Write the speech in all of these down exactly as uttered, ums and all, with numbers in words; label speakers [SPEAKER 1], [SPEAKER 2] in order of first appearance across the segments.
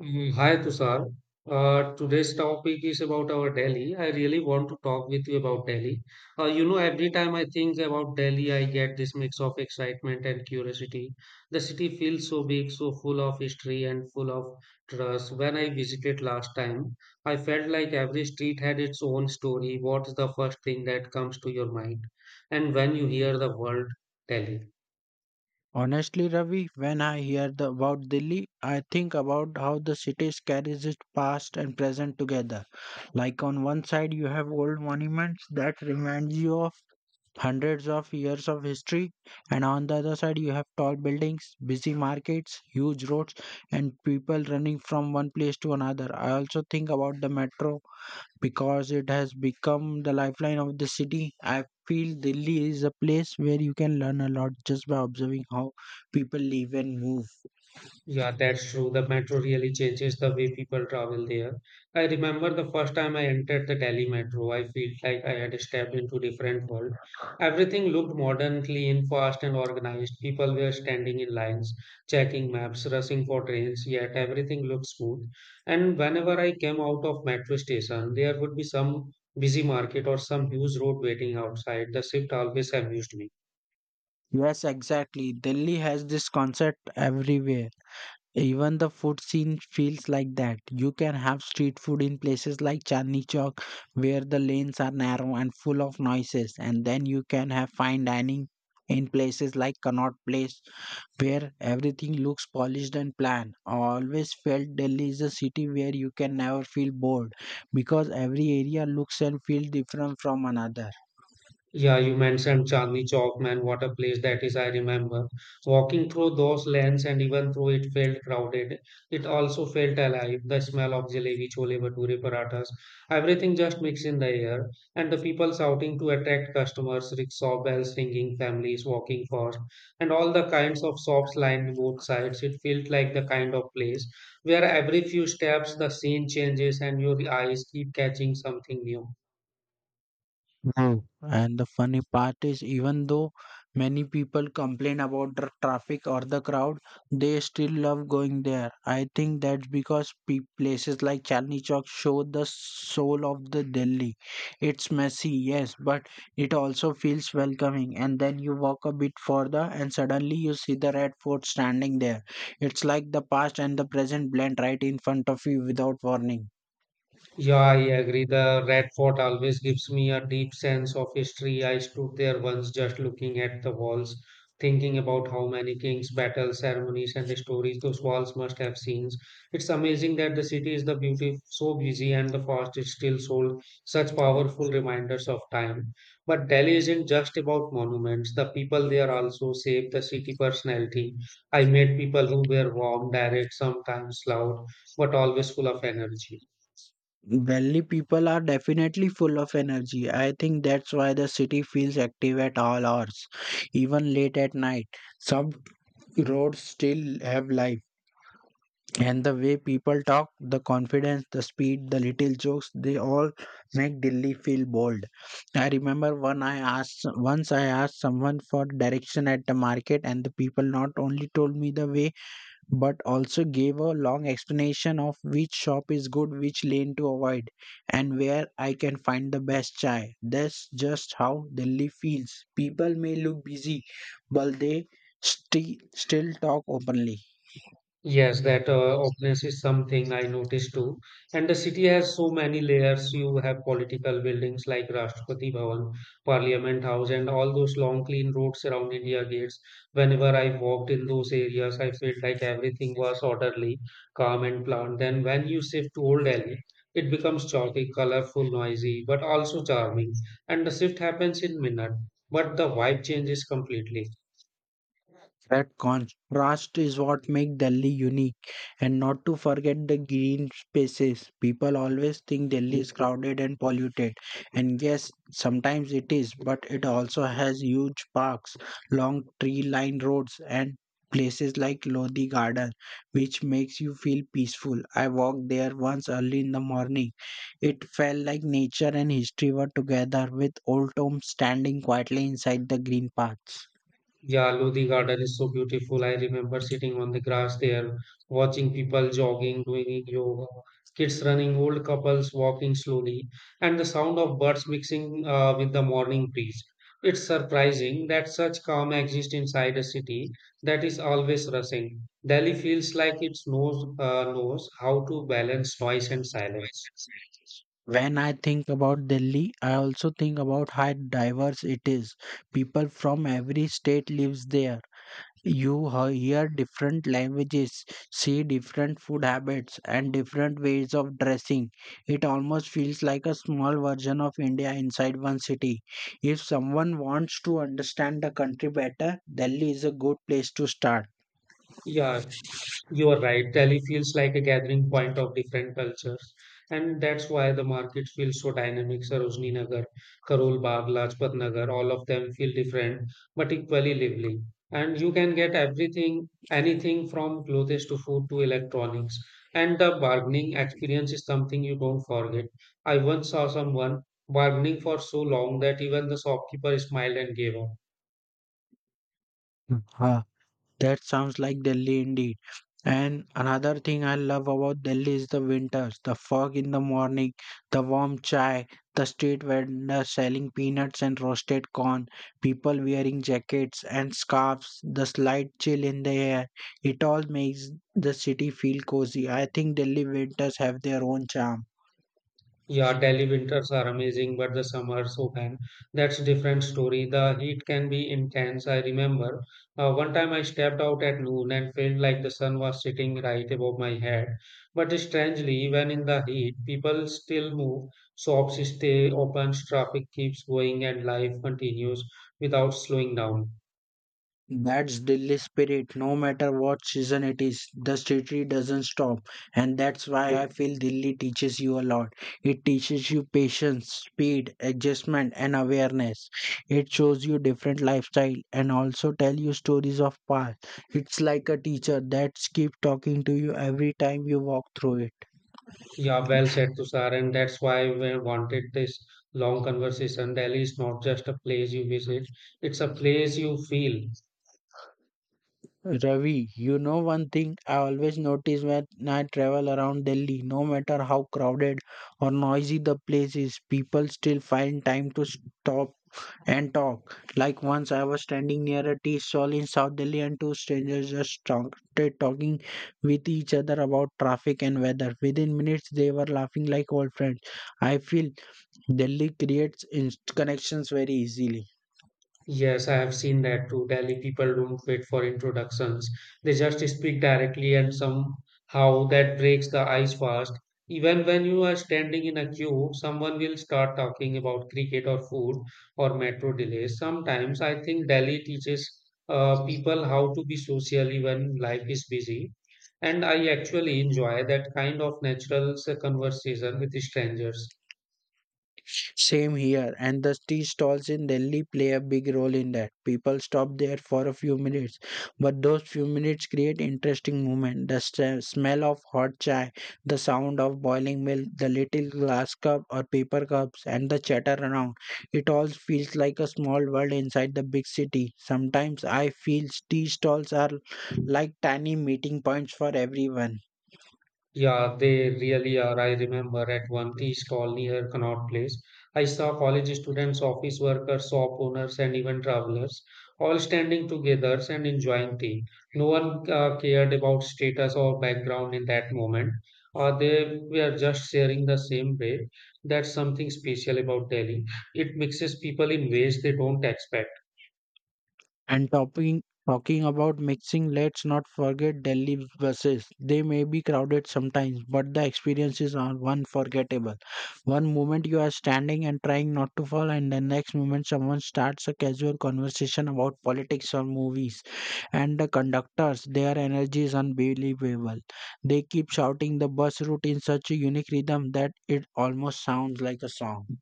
[SPEAKER 1] Mm, hi Tushar. Uh, today's topic is about our Delhi. I really want to talk with you about Delhi. Uh, you know, every time I think about Delhi, I get this mix of excitement and curiosity. The city feels so big, so full of history and full of trust. When I visited last time, I felt like every street had its own story. What's the first thing that comes to your mind? And when you hear the word Delhi?
[SPEAKER 2] Honestly, Ravi, when I hear the, about Delhi, I think about how the city carries its past and present together. Like on one side, you have old monuments that remind you of hundreds of years of history, and on the other side, you have tall buildings, busy markets, huge roads, and people running from one place to another. I also think about the metro because it has become the lifeline of the city. I feel Delhi is a place where you can learn a lot just by observing how people live and move.
[SPEAKER 1] Yeah, that's true. The metro really changes the way people travel there. I remember the first time I entered the Delhi metro, I felt like I had stepped into a different world. Everything looked modern, clean, fast, and organized. People were standing in lines, checking maps, rushing for trains, yet everything looked smooth. And whenever I came out of metro station, there would be some busy market or some huge road waiting outside. The shift always amused me.
[SPEAKER 2] Yes, exactly. Delhi has this concept everywhere. Even the food scene feels like that. You can have street food in places like Chandni Chowk, where the lanes are narrow and full of noises, and then you can have fine dining in places like Connaught Place where everything looks polished and planned. I always felt Delhi is a city where you can never feel bored because every area looks and feels different from another.
[SPEAKER 1] Yeah, you mentioned Chandni Chowk, man. What a place that is. I remember walking through those lanes, and even though it felt crowded, it also felt alive. The smell of jalebi, chole bhature, parathas, everything just mixed in the air, and the people shouting to attract customers, rickshaw bells ringing, families walking fast, and all the kinds of shops lined both sides. It felt like the kind of place where every few steps the scene changes and your eyes keep catching something new.
[SPEAKER 2] No. And the funny part is, even though many people complain about the traffic or the crowd, they still love going there. I think that's because pe places like Chandni Chowk show the soul of the Delhi. It's messy, yes, but it also feels welcoming. And then you walk a bit further, and suddenly you see the Red Fort standing there. It's like the past and the present blend right in front of you without warning.
[SPEAKER 1] Yeah, I agree. The Red Fort always gives me a deep sense of history. I stood there once just looking at the walls, thinking about how many kings, battles, ceremonies, and stories those walls must have seen. It's amazing that the city is the beauty so busy and the fast it still sold such powerful reminders of time. But Delhi isn't just about monuments. The people there also shape the city personality. I met people who were warm, direct, sometimes loud, but always full of energy.
[SPEAKER 2] Delhi people are definitely full of energy. I think that's why the city feels active at all hours, even late at night. Some roads still have life, and the way people talk, the confidence, the speed, the little jokes, they all make Delhi feel bold. I remember one I asked once I asked someone for direction at the market, and the people not only told me the way but also gave a long explanation of which shop is good, which lane to avoid, and where I can find the best chai. That's just how Delhi feels. People may look busy, but they sti- still talk openly.
[SPEAKER 1] Yes, that uh, openness is something I noticed too. And the city has so many layers. You have political buildings like Rashtrapati Bhavan, Parliament House, and all those long, clean roads around India gates. Whenever I walked in those areas, I felt like everything was orderly, calm, and planned. Then, when you shift to Old Delhi, it becomes chaotic, colorful, noisy, but also charming. And the shift happens in minute, but the vibe changes completely.
[SPEAKER 2] That contrast is what makes Delhi unique. And not to forget the green spaces. People always think Delhi is crowded and polluted. And yes, sometimes it is, but it also has huge parks, long tree lined roads, and places like Lodi Garden, which makes you feel peaceful. I walked there once early in the morning. It felt like nature and history were together with old tombs standing quietly inside the green paths.
[SPEAKER 1] Yeah, Lodi Garden is so beautiful. I remember sitting on the grass there, watching people jogging, doing yoga, kids running, old couples walking slowly, and the sound of birds mixing uh, with the morning breeze. It's surprising that such calm exists inside a city that is always rushing. Delhi feels like it knows, uh, knows how to balance noise and silence.
[SPEAKER 2] When I think about Delhi, I also think about how diverse it is. People from every state lives there. You he- hear different languages, see different food habits, and different ways of dressing. It almost feels like a small version of India inside one city. If someone wants to understand the country better, Delhi is a good place to start.
[SPEAKER 1] Yeah, you are right. Delhi feels like a gathering point of different cultures, and that's why the market feels so dynamic. Sarojini Nagar, Karol Bagh, Lajpat Nagar, all of them feel different but equally lively. And you can get everything, anything from clothes to food to electronics. And the bargaining experience is something you don't forget. I once saw someone bargaining for so long that even the shopkeeper smiled and gave up.
[SPEAKER 2] That sounds like Delhi indeed. And another thing I love about Delhi is the winters, the fog in the morning, the warm chai, the street vendors selling peanuts and roasted corn, people wearing jackets and scarves, the slight chill in the air. It all makes the city feel cozy. I think Delhi winters have their own charm.
[SPEAKER 1] Yeah, Delhi winters are amazing, but the summers, oh man, that's different story. The heat can be intense. I remember uh, one time I stepped out at noon and felt like the sun was sitting right above my head. But strangely, even in the heat, people still move, shops stay open, traffic keeps going, and life continues without slowing down.
[SPEAKER 2] That's Delhi spirit. No matter what season it is, the city doesn't stop. And that's why I feel Delhi teaches you a lot. It teaches you patience, speed, adjustment, and awareness. It shows you different lifestyle and also tell you stories of past. It's like a teacher that keeps talking to you every time you walk through it.
[SPEAKER 1] Yeah, well said, Tushar, and that's why we wanted this long conversation. Delhi is not just a place you visit, it's a place you feel.
[SPEAKER 2] Ravi, you know one thing I always notice when I travel around Delhi, no matter how crowded or noisy the place is, people still find time to stop and talk. Like once I was standing near a tea stall in South Delhi and two strangers just started talking with each other about traffic and weather. Within minutes, they were laughing like old friends. I feel Delhi creates in- connections very easily.
[SPEAKER 1] Yes, I have seen that too. Delhi people don't wait for introductions. They just speak directly and somehow that breaks the ice fast. Even when you are standing in a queue, someone will start talking about cricket or food or metro delays. Sometimes I think Delhi teaches uh, people how to be social even life is busy. And I actually enjoy that kind of natural uh, conversation with strangers.
[SPEAKER 2] Same here, and the tea stalls in Delhi play a big role in that. People stop there for a few minutes, but those few minutes create interesting moment. The s- smell of hot chai, the sound of boiling milk, the little glass cup or paper cups, and the chatter around. It all feels like a small world inside the big city. Sometimes I feel tea stalls are like tiny meeting points for everyone.
[SPEAKER 1] Yeah, they really are. I remember at one tea stall near Connaught Place, I saw college students, office workers, shop owners, and even travelers all standing together and enjoying tea. No one uh, cared about status or background in that moment. Uh, they were just sharing the same bread. That's something special about Delhi. It mixes people in ways they don't expect.
[SPEAKER 2] And talking talking about mixing, let's not forget Delhi buses. They may be crowded sometimes, but the experiences are unforgettable. One moment you are standing and trying not to fall, and the next moment someone starts a casual conversation about politics or movies. And the conductors, their energy is unbelievable. They keep shouting the bus route in such a unique rhythm that it almost sounds like a song.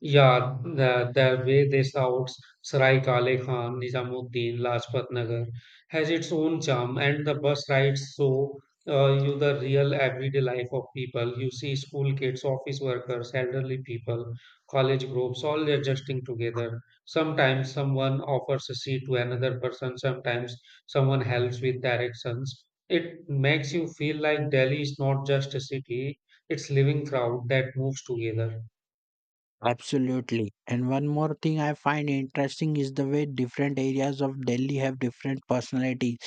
[SPEAKER 1] Yeah, the, the way they shout Sarai Kale Khan, Nizamuddin, Lajpat Nagar has its own charm, and the bus rides show uh, you the real everyday life of people. You see school kids, office workers, elderly people, college groups, all adjusting together. Sometimes someone offers a seat to another person, sometimes someone helps with directions. It makes you feel like Delhi is not just a city, it's living crowd that moves together.
[SPEAKER 2] Absolutely. And one more thing I find interesting is the way different areas of Delhi have different personalities.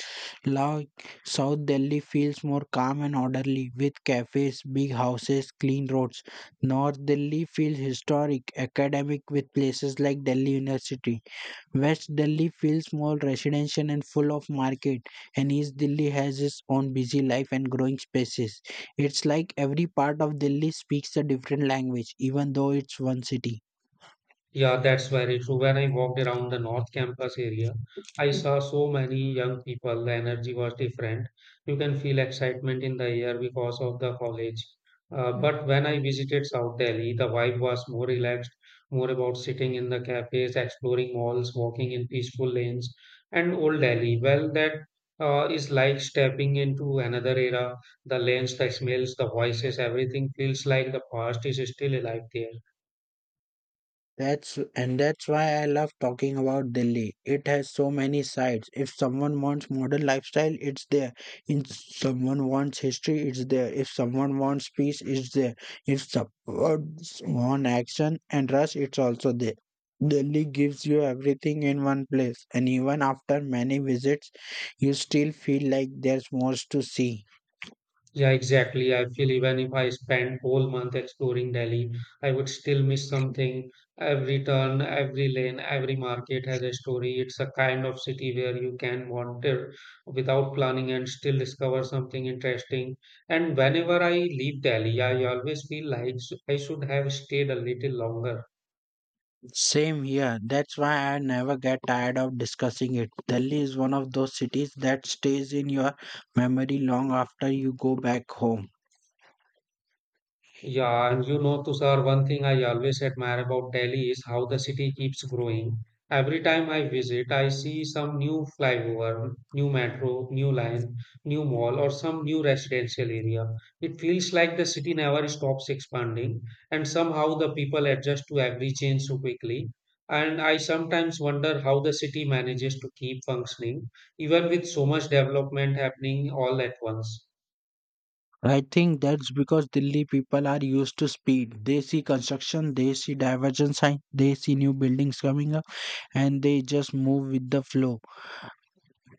[SPEAKER 2] Like South Delhi feels more calm and orderly with cafes, big houses, clean roads. North Delhi feels historic, academic with places like Delhi University. West Delhi feels more residential and full of market. And East Delhi has its own busy life and growing spaces. It's like every part of Delhi speaks a different language, even though it's one city.
[SPEAKER 1] Yeah, that's very true. When I walked around the North Campus area, I saw so many young people. The energy was different. You can feel excitement in the air because of the college. Uh, but when I visited South Delhi, the vibe was more relaxed, more about sitting in the cafes, exploring malls, walking in peaceful lanes. And Old Delhi, well, that uh, is like stepping into another era. The lanes, the smells, the voices, everything feels like the past is still alive there.
[SPEAKER 2] That's, and that's why I love talking about Delhi. It has so many sides. If someone wants modern lifestyle, it's there. If someone wants history, it's there. If someone wants peace, it's there. If someone wants action and rush, it's also there. Delhi gives you everything in one place, and even after many visits, you still feel like there's more to see.
[SPEAKER 1] Yeah, exactly. I feel even if I spend whole month exploring Delhi, I would still miss something. Every turn, every lane, every market has a story. It's a kind of city where you can wander without planning and still discover something interesting. And whenever I leave Delhi, I always feel like s- I should have stayed a little longer.
[SPEAKER 2] Same here. That's why I never get tired of discussing it. Delhi is one of those cities that stays in your memory long after you go back home.
[SPEAKER 1] Yeah, and you know, Tushar, one thing I always admire about Delhi is how the city keeps growing. Every time I visit, I see some new flyover, new metro, new line, new mall, or some new residential area. It feels like the city never stops expanding, and somehow the people adjust to every change so quickly. And I sometimes wonder how the city manages to keep functioning, even with so much development happening all at once.
[SPEAKER 2] I think that's because Delhi people are used to speed. They see construction, they see diversion sign, they see new buildings coming up, and they just move with the flow.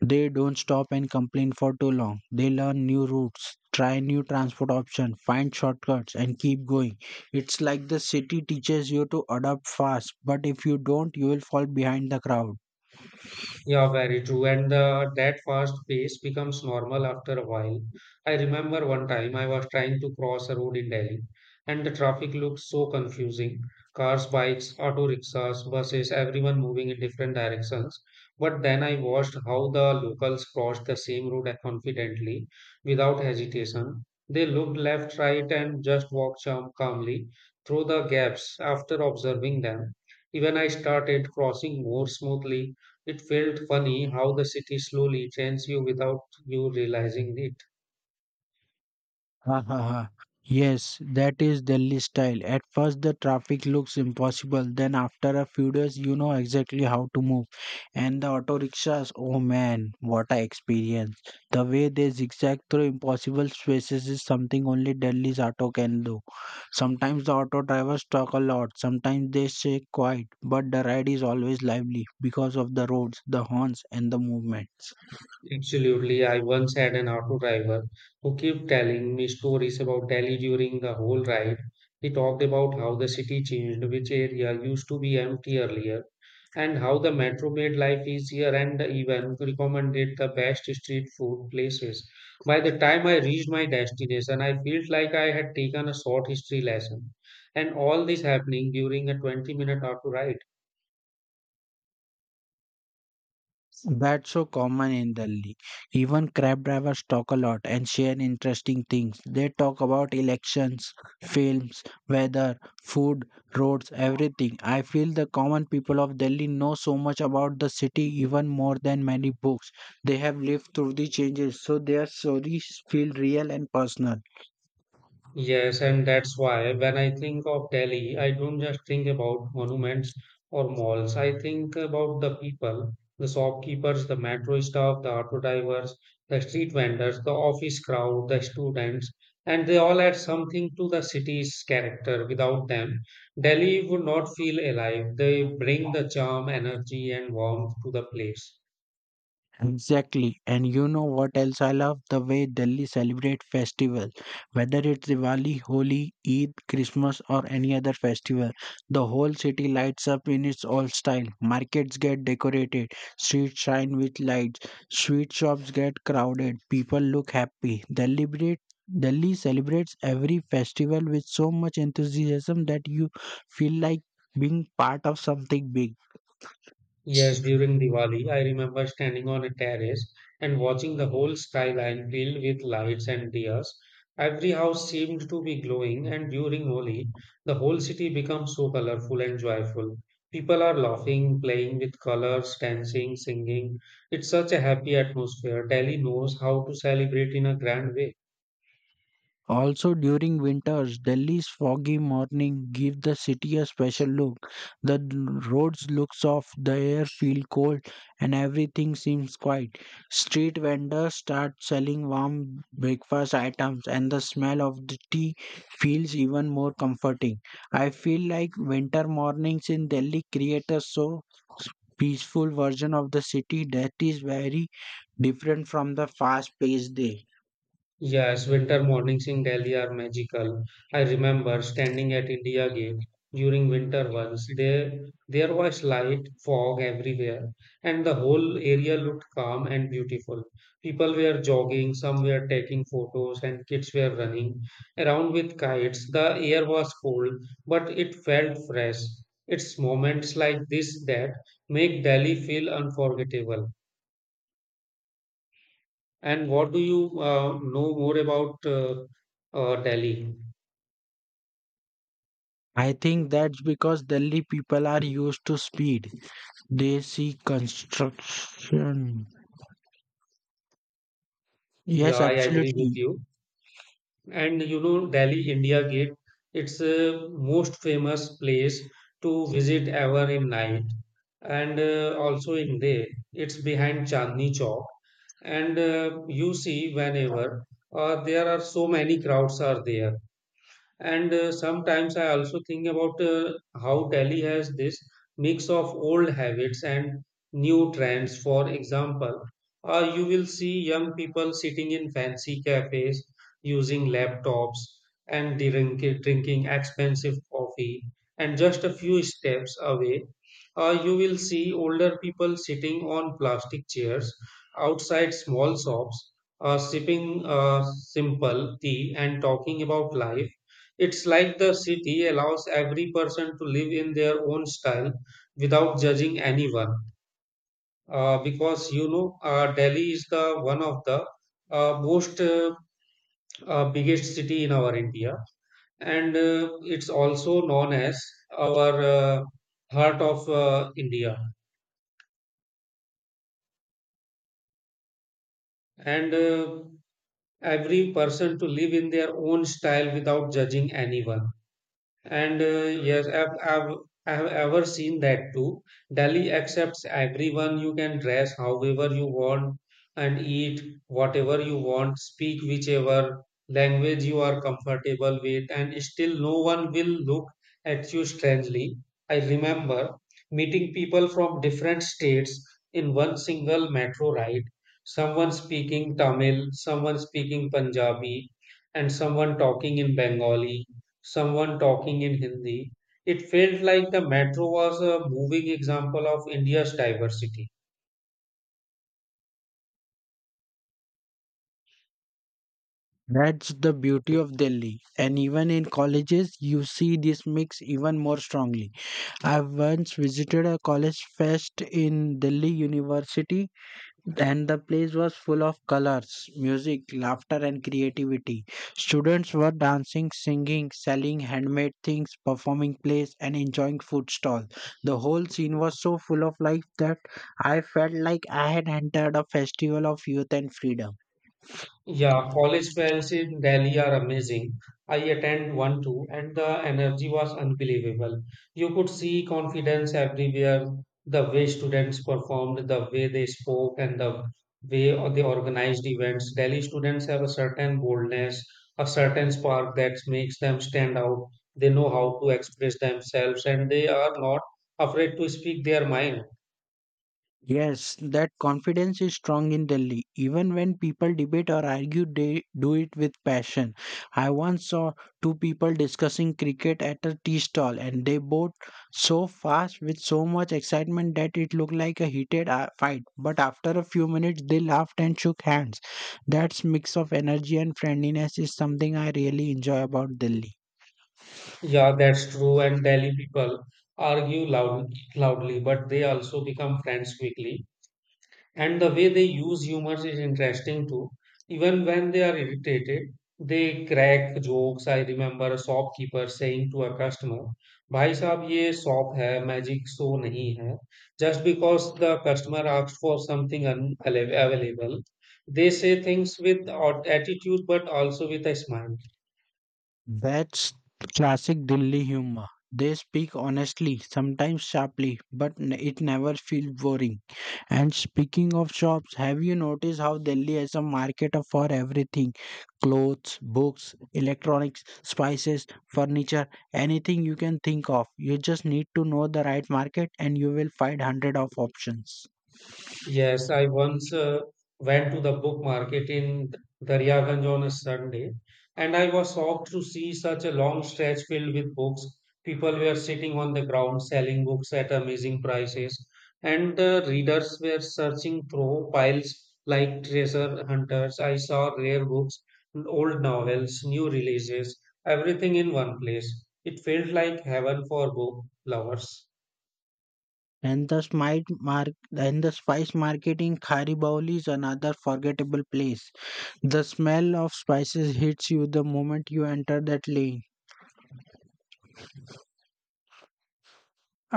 [SPEAKER 2] They don't stop and complain for too long. They learn new routes, try new transport options, find shortcuts, and keep going. It's like the city teaches you to adapt fast, but if you don't, you will fall behind the crowd.
[SPEAKER 1] Yeah, very true. And the that fast pace becomes normal after a while. I remember one time I was trying to cross a road in Delhi, and the traffic looked so confusing. Cars, bikes, auto rickshaws, buses, everyone moving in different directions. But then I watched how the locals crossed the same road confidently, without hesitation. They looked left, right, and just walked calm- calmly through the gaps. After observing them, even I started crossing more smoothly it felt funny how the city slowly trains you without you realizing it.
[SPEAKER 2] Ha ha ha. Yes, that is Delhi style. At first, the traffic looks impossible. Then, after a few days, you know exactly how to move. And the auto rickshaws, oh man, what a experience. The way they zigzag through impossible spaces is something only Delhi's auto can do. Sometimes the auto drivers talk a lot, sometimes they stay quiet, but the ride is always lively because of the roads, the horns, and the movements.
[SPEAKER 1] Absolutely. I once had an auto driver who kept telling me stories about Delhi during the whole ride. He talked about how the city changed, which area used to be empty earlier, and how the metro made life easier and even recommended the best street food places. By the time I reached my destination, I felt like I had taken a short history lesson. And all this happening during a 20 minute auto ride.
[SPEAKER 2] That's so common in Delhi. Even cab drivers talk a lot and share interesting things. They talk about elections, films, weather, food, roads, everything. I feel the common people of Delhi know so much about the city even more than many books. They have lived through the changes, so their stories feel real and personal.
[SPEAKER 1] Yes, and that's why when I think of Delhi, I don't just think about monuments or malls. I think about the people, the shopkeepers, the metro staff, the auto drivers, the street vendors, the office crowd, the students, and they all add something to the city's character. Without them, Delhi would not feel alive. They bring the charm, energy, and warmth to the place.
[SPEAKER 2] Exactly. And you know what else I love? The way Delhi celebrate festival. Whether it's Diwali, Holi, Eid, Christmas or any other festival, the whole city lights up in its old style. Markets get decorated, streets shine with lights, sweet shops get crowded, people look happy. Delhi breed- Delhi celebrates every festival with so much enthusiasm that you feel like being part of something big.
[SPEAKER 1] Yes, during Diwali, I remember standing on a terrace and watching the whole skyline filled with lights and dias. Every house seemed to be glowing, and during Holi, the whole city becomes so colorful and joyful. People are laughing, playing with colors, dancing, singing. It's such a happy atmosphere. Delhi knows how to celebrate in a grand way.
[SPEAKER 2] Also during winters, Delhi's foggy morning give the city a special look. The d- roads look soft, the air feel cold, and everything seems quiet. Street vendors start selling warm breakfast items, and the smell of the tea feels even more comforting. I feel like winter mornings in Delhi create a so peaceful version of the city that is very different from the fast-paced day.
[SPEAKER 1] Yes, winter mornings in Delhi are magical. I remember standing at India Gate during winter once. There, there was light fog everywhere, and the whole area looked calm and beautiful. People were jogging, some were taking photos, and kids were running around with kites. The air was cold, but it felt fresh. It's moments like this that make Delhi feel unforgettable. And what do you uh, know more about uh, uh, Delhi?
[SPEAKER 2] I think that's because Delhi people are used to speed. They see construction.
[SPEAKER 1] Yeah,
[SPEAKER 2] Yes,
[SPEAKER 1] I agree with
[SPEAKER 2] absolutely.
[SPEAKER 1] you. And you know, Delhi India Gate, it's a most famous place to visit ever in night and uh, also in day. It's behind Chandni Chowk, and uh, you see whenever uh, there are so many crowds are there. And uh, sometimes I also think about uh, how Delhi has this mix of old habits and new trends. For example, uh, you will see young people sitting in fancy cafes, using laptops, and drink, drinking expensive coffee. And just a few steps away, uh, you will see older people sitting on plastic chairs outside small shops, uh, sipping uh, simple tea and talking about life. It's like the city allows every person to live in their own style without judging anyone. Uh, because you know, uh, Delhi is the one of the uh, most uh, uh, biggest city in our India, and uh, it's also known as our uh, heart of uh, India. And uh, Every person to live in their own style without judging anyone. And uh, yes, I've, I've, I have ever seen that too. Delhi accepts everyone. You can dress however you want and eat whatever you want, speak whichever language you are comfortable with, and still no one will look at you strangely. I remember meeting people from different states in one single metro ride. Someone speaking Tamil, someone speaking Punjabi, and someone talking in Bengali, someone talking in Hindi. It felt like the metro was a moving example of India's diversity.
[SPEAKER 2] That's the beauty of Delhi. And even in colleges, you see this mix even more strongly. I once visited a college fest in Delhi University and the place was full of colors, music, laughter, and creativity. Students were dancing, singing, selling handmade things, performing plays, and enjoying food stalls. The whole scene was so full of life that I felt like I had entered a festival of youth and freedom.
[SPEAKER 1] Yeah, college fairs in Delhi are amazing. I attend one too, and the energy was unbelievable. You could see confidence everywhere, the way students performed, the way they spoke, and the way o- they organized events. Delhi students have a certain boldness, a certain spark that makes them stand out. They know how to express themselves, and they are not afraid to speak their mind.
[SPEAKER 2] Yes, that confidence is strong in Delhi. Even when people debate or argue, they do it with passion. I once saw two people discussing cricket at a tea stall, and they both so fast with so much excitement that it looked like a heated uh, fight. But after a few minutes, they laughed and shook hands. That mix of energy and friendliness is something I really enjoy about Delhi.
[SPEAKER 1] Yeah, that's true. And Delhi people argue loud, loudly, but they also become friends quickly. And the way they use humor is interesting too. Even when they are irritated, they crack jokes. I remember a shopkeeper saying to a customer, "Bhai saab, ye shop hai magic show nahi hai." Just because the customer asked for something unavailable, they say things with odd attitude, but also with a smile.
[SPEAKER 2] That's classic Delhi humor. They speak honestly, sometimes sharply, but n- it never feels boring. And speaking of shops, have you noticed how Delhi has a market of- for everything? Clothes, books, electronics, spices, furniture, anything you can think of. You just need to know the right market and you will find hundred of options.
[SPEAKER 1] Yes, I once uh, went to the book market in Daryaganj on a Sunday, and I was shocked to see such a long stretch filled with books. People were sitting on the ground selling books at amazing prices, and the readers were searching through piles like treasure hunters. I saw rare books, old novels, new releases, everything in one place. It felt like heaven for book lovers.
[SPEAKER 2] And the smite mark and the spice market in Kharibawli is another forgettable place. The smell of spices hits you the moment you enter that lane.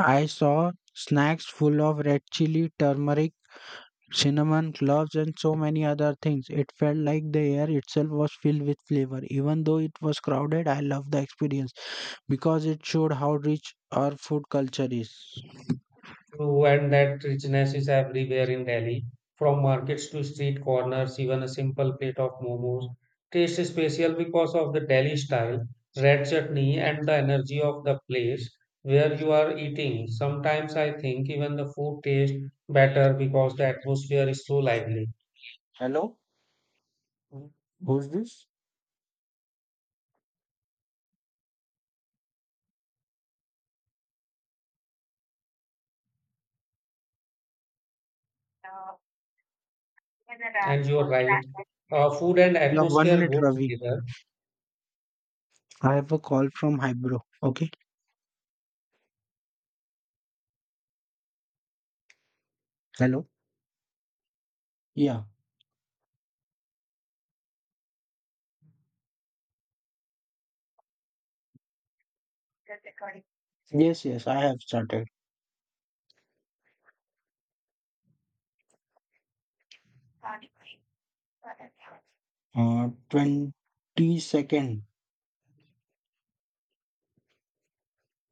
[SPEAKER 2] I saw snacks full of red chili, turmeric, cinnamon, cloves, and so many other things. It felt like the air itself was filled with flavor. Even though it was crowded, I loved the experience because it showed how rich our food culture is.
[SPEAKER 1] True, and that richness is everywhere in Delhi, from markets to street corners, even a simple plate of momos tastes special because of the Delhi style, red chutney, and the energy of the place where you are eating. Sometimes I think even the food tastes better because the atmosphere is so lively.
[SPEAKER 2] Hello? Who? Who's this?
[SPEAKER 1] And you're right, uh, food and
[SPEAKER 2] You have one
[SPEAKER 1] atmosphere
[SPEAKER 2] minute,
[SPEAKER 1] go
[SPEAKER 2] Ravi.
[SPEAKER 1] together.
[SPEAKER 2] I have a call from Hybro. Okay. Hello? Yeah. Yes, yes, I have started. Uh, twenty-second.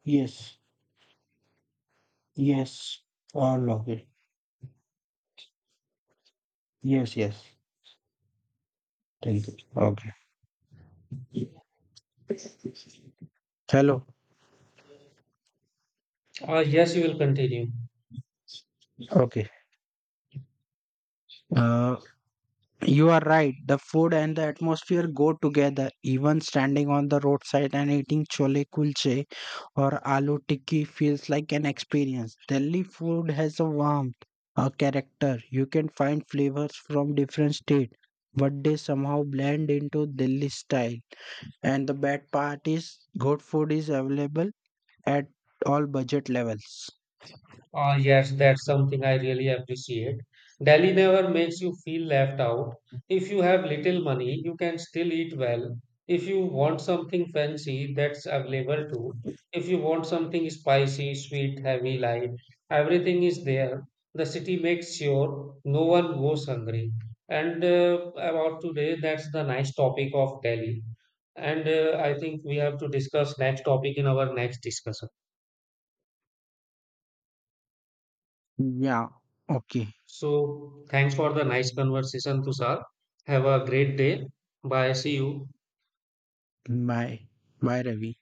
[SPEAKER 2] Yes, yes, all okay. Yes, yes. Thank you. Okay. Hello.
[SPEAKER 1] Uh, yes, you will continue.
[SPEAKER 2] Okay. Uh, you are right. The food and the atmosphere go together. Even standing on the roadside and eating chole kulche or aloo tikki feels like an experience. Delhi food has a warmth, a character. You can find flavors from different states, but they somehow blend into Delhi style. And the bad part is, good food is available at all budget levels.
[SPEAKER 1] Ah, yes, that's something I really appreciate. Delhi never makes you feel left out. If you have little money, you can still eat well. If you want something fancy, that's available too. If you want something spicy, sweet, heavy, light, everything is there. The city makes sure no one goes hungry. And uh, about today, that's the nice topic of Delhi. And uh, I think we have to discuss next topic in our next discussion.
[SPEAKER 2] Yeah. Okay.
[SPEAKER 1] So, thanks for the nice conversation, Tushar. Have a great day. Bye. See you.
[SPEAKER 2] Bye. Bye, Ravi.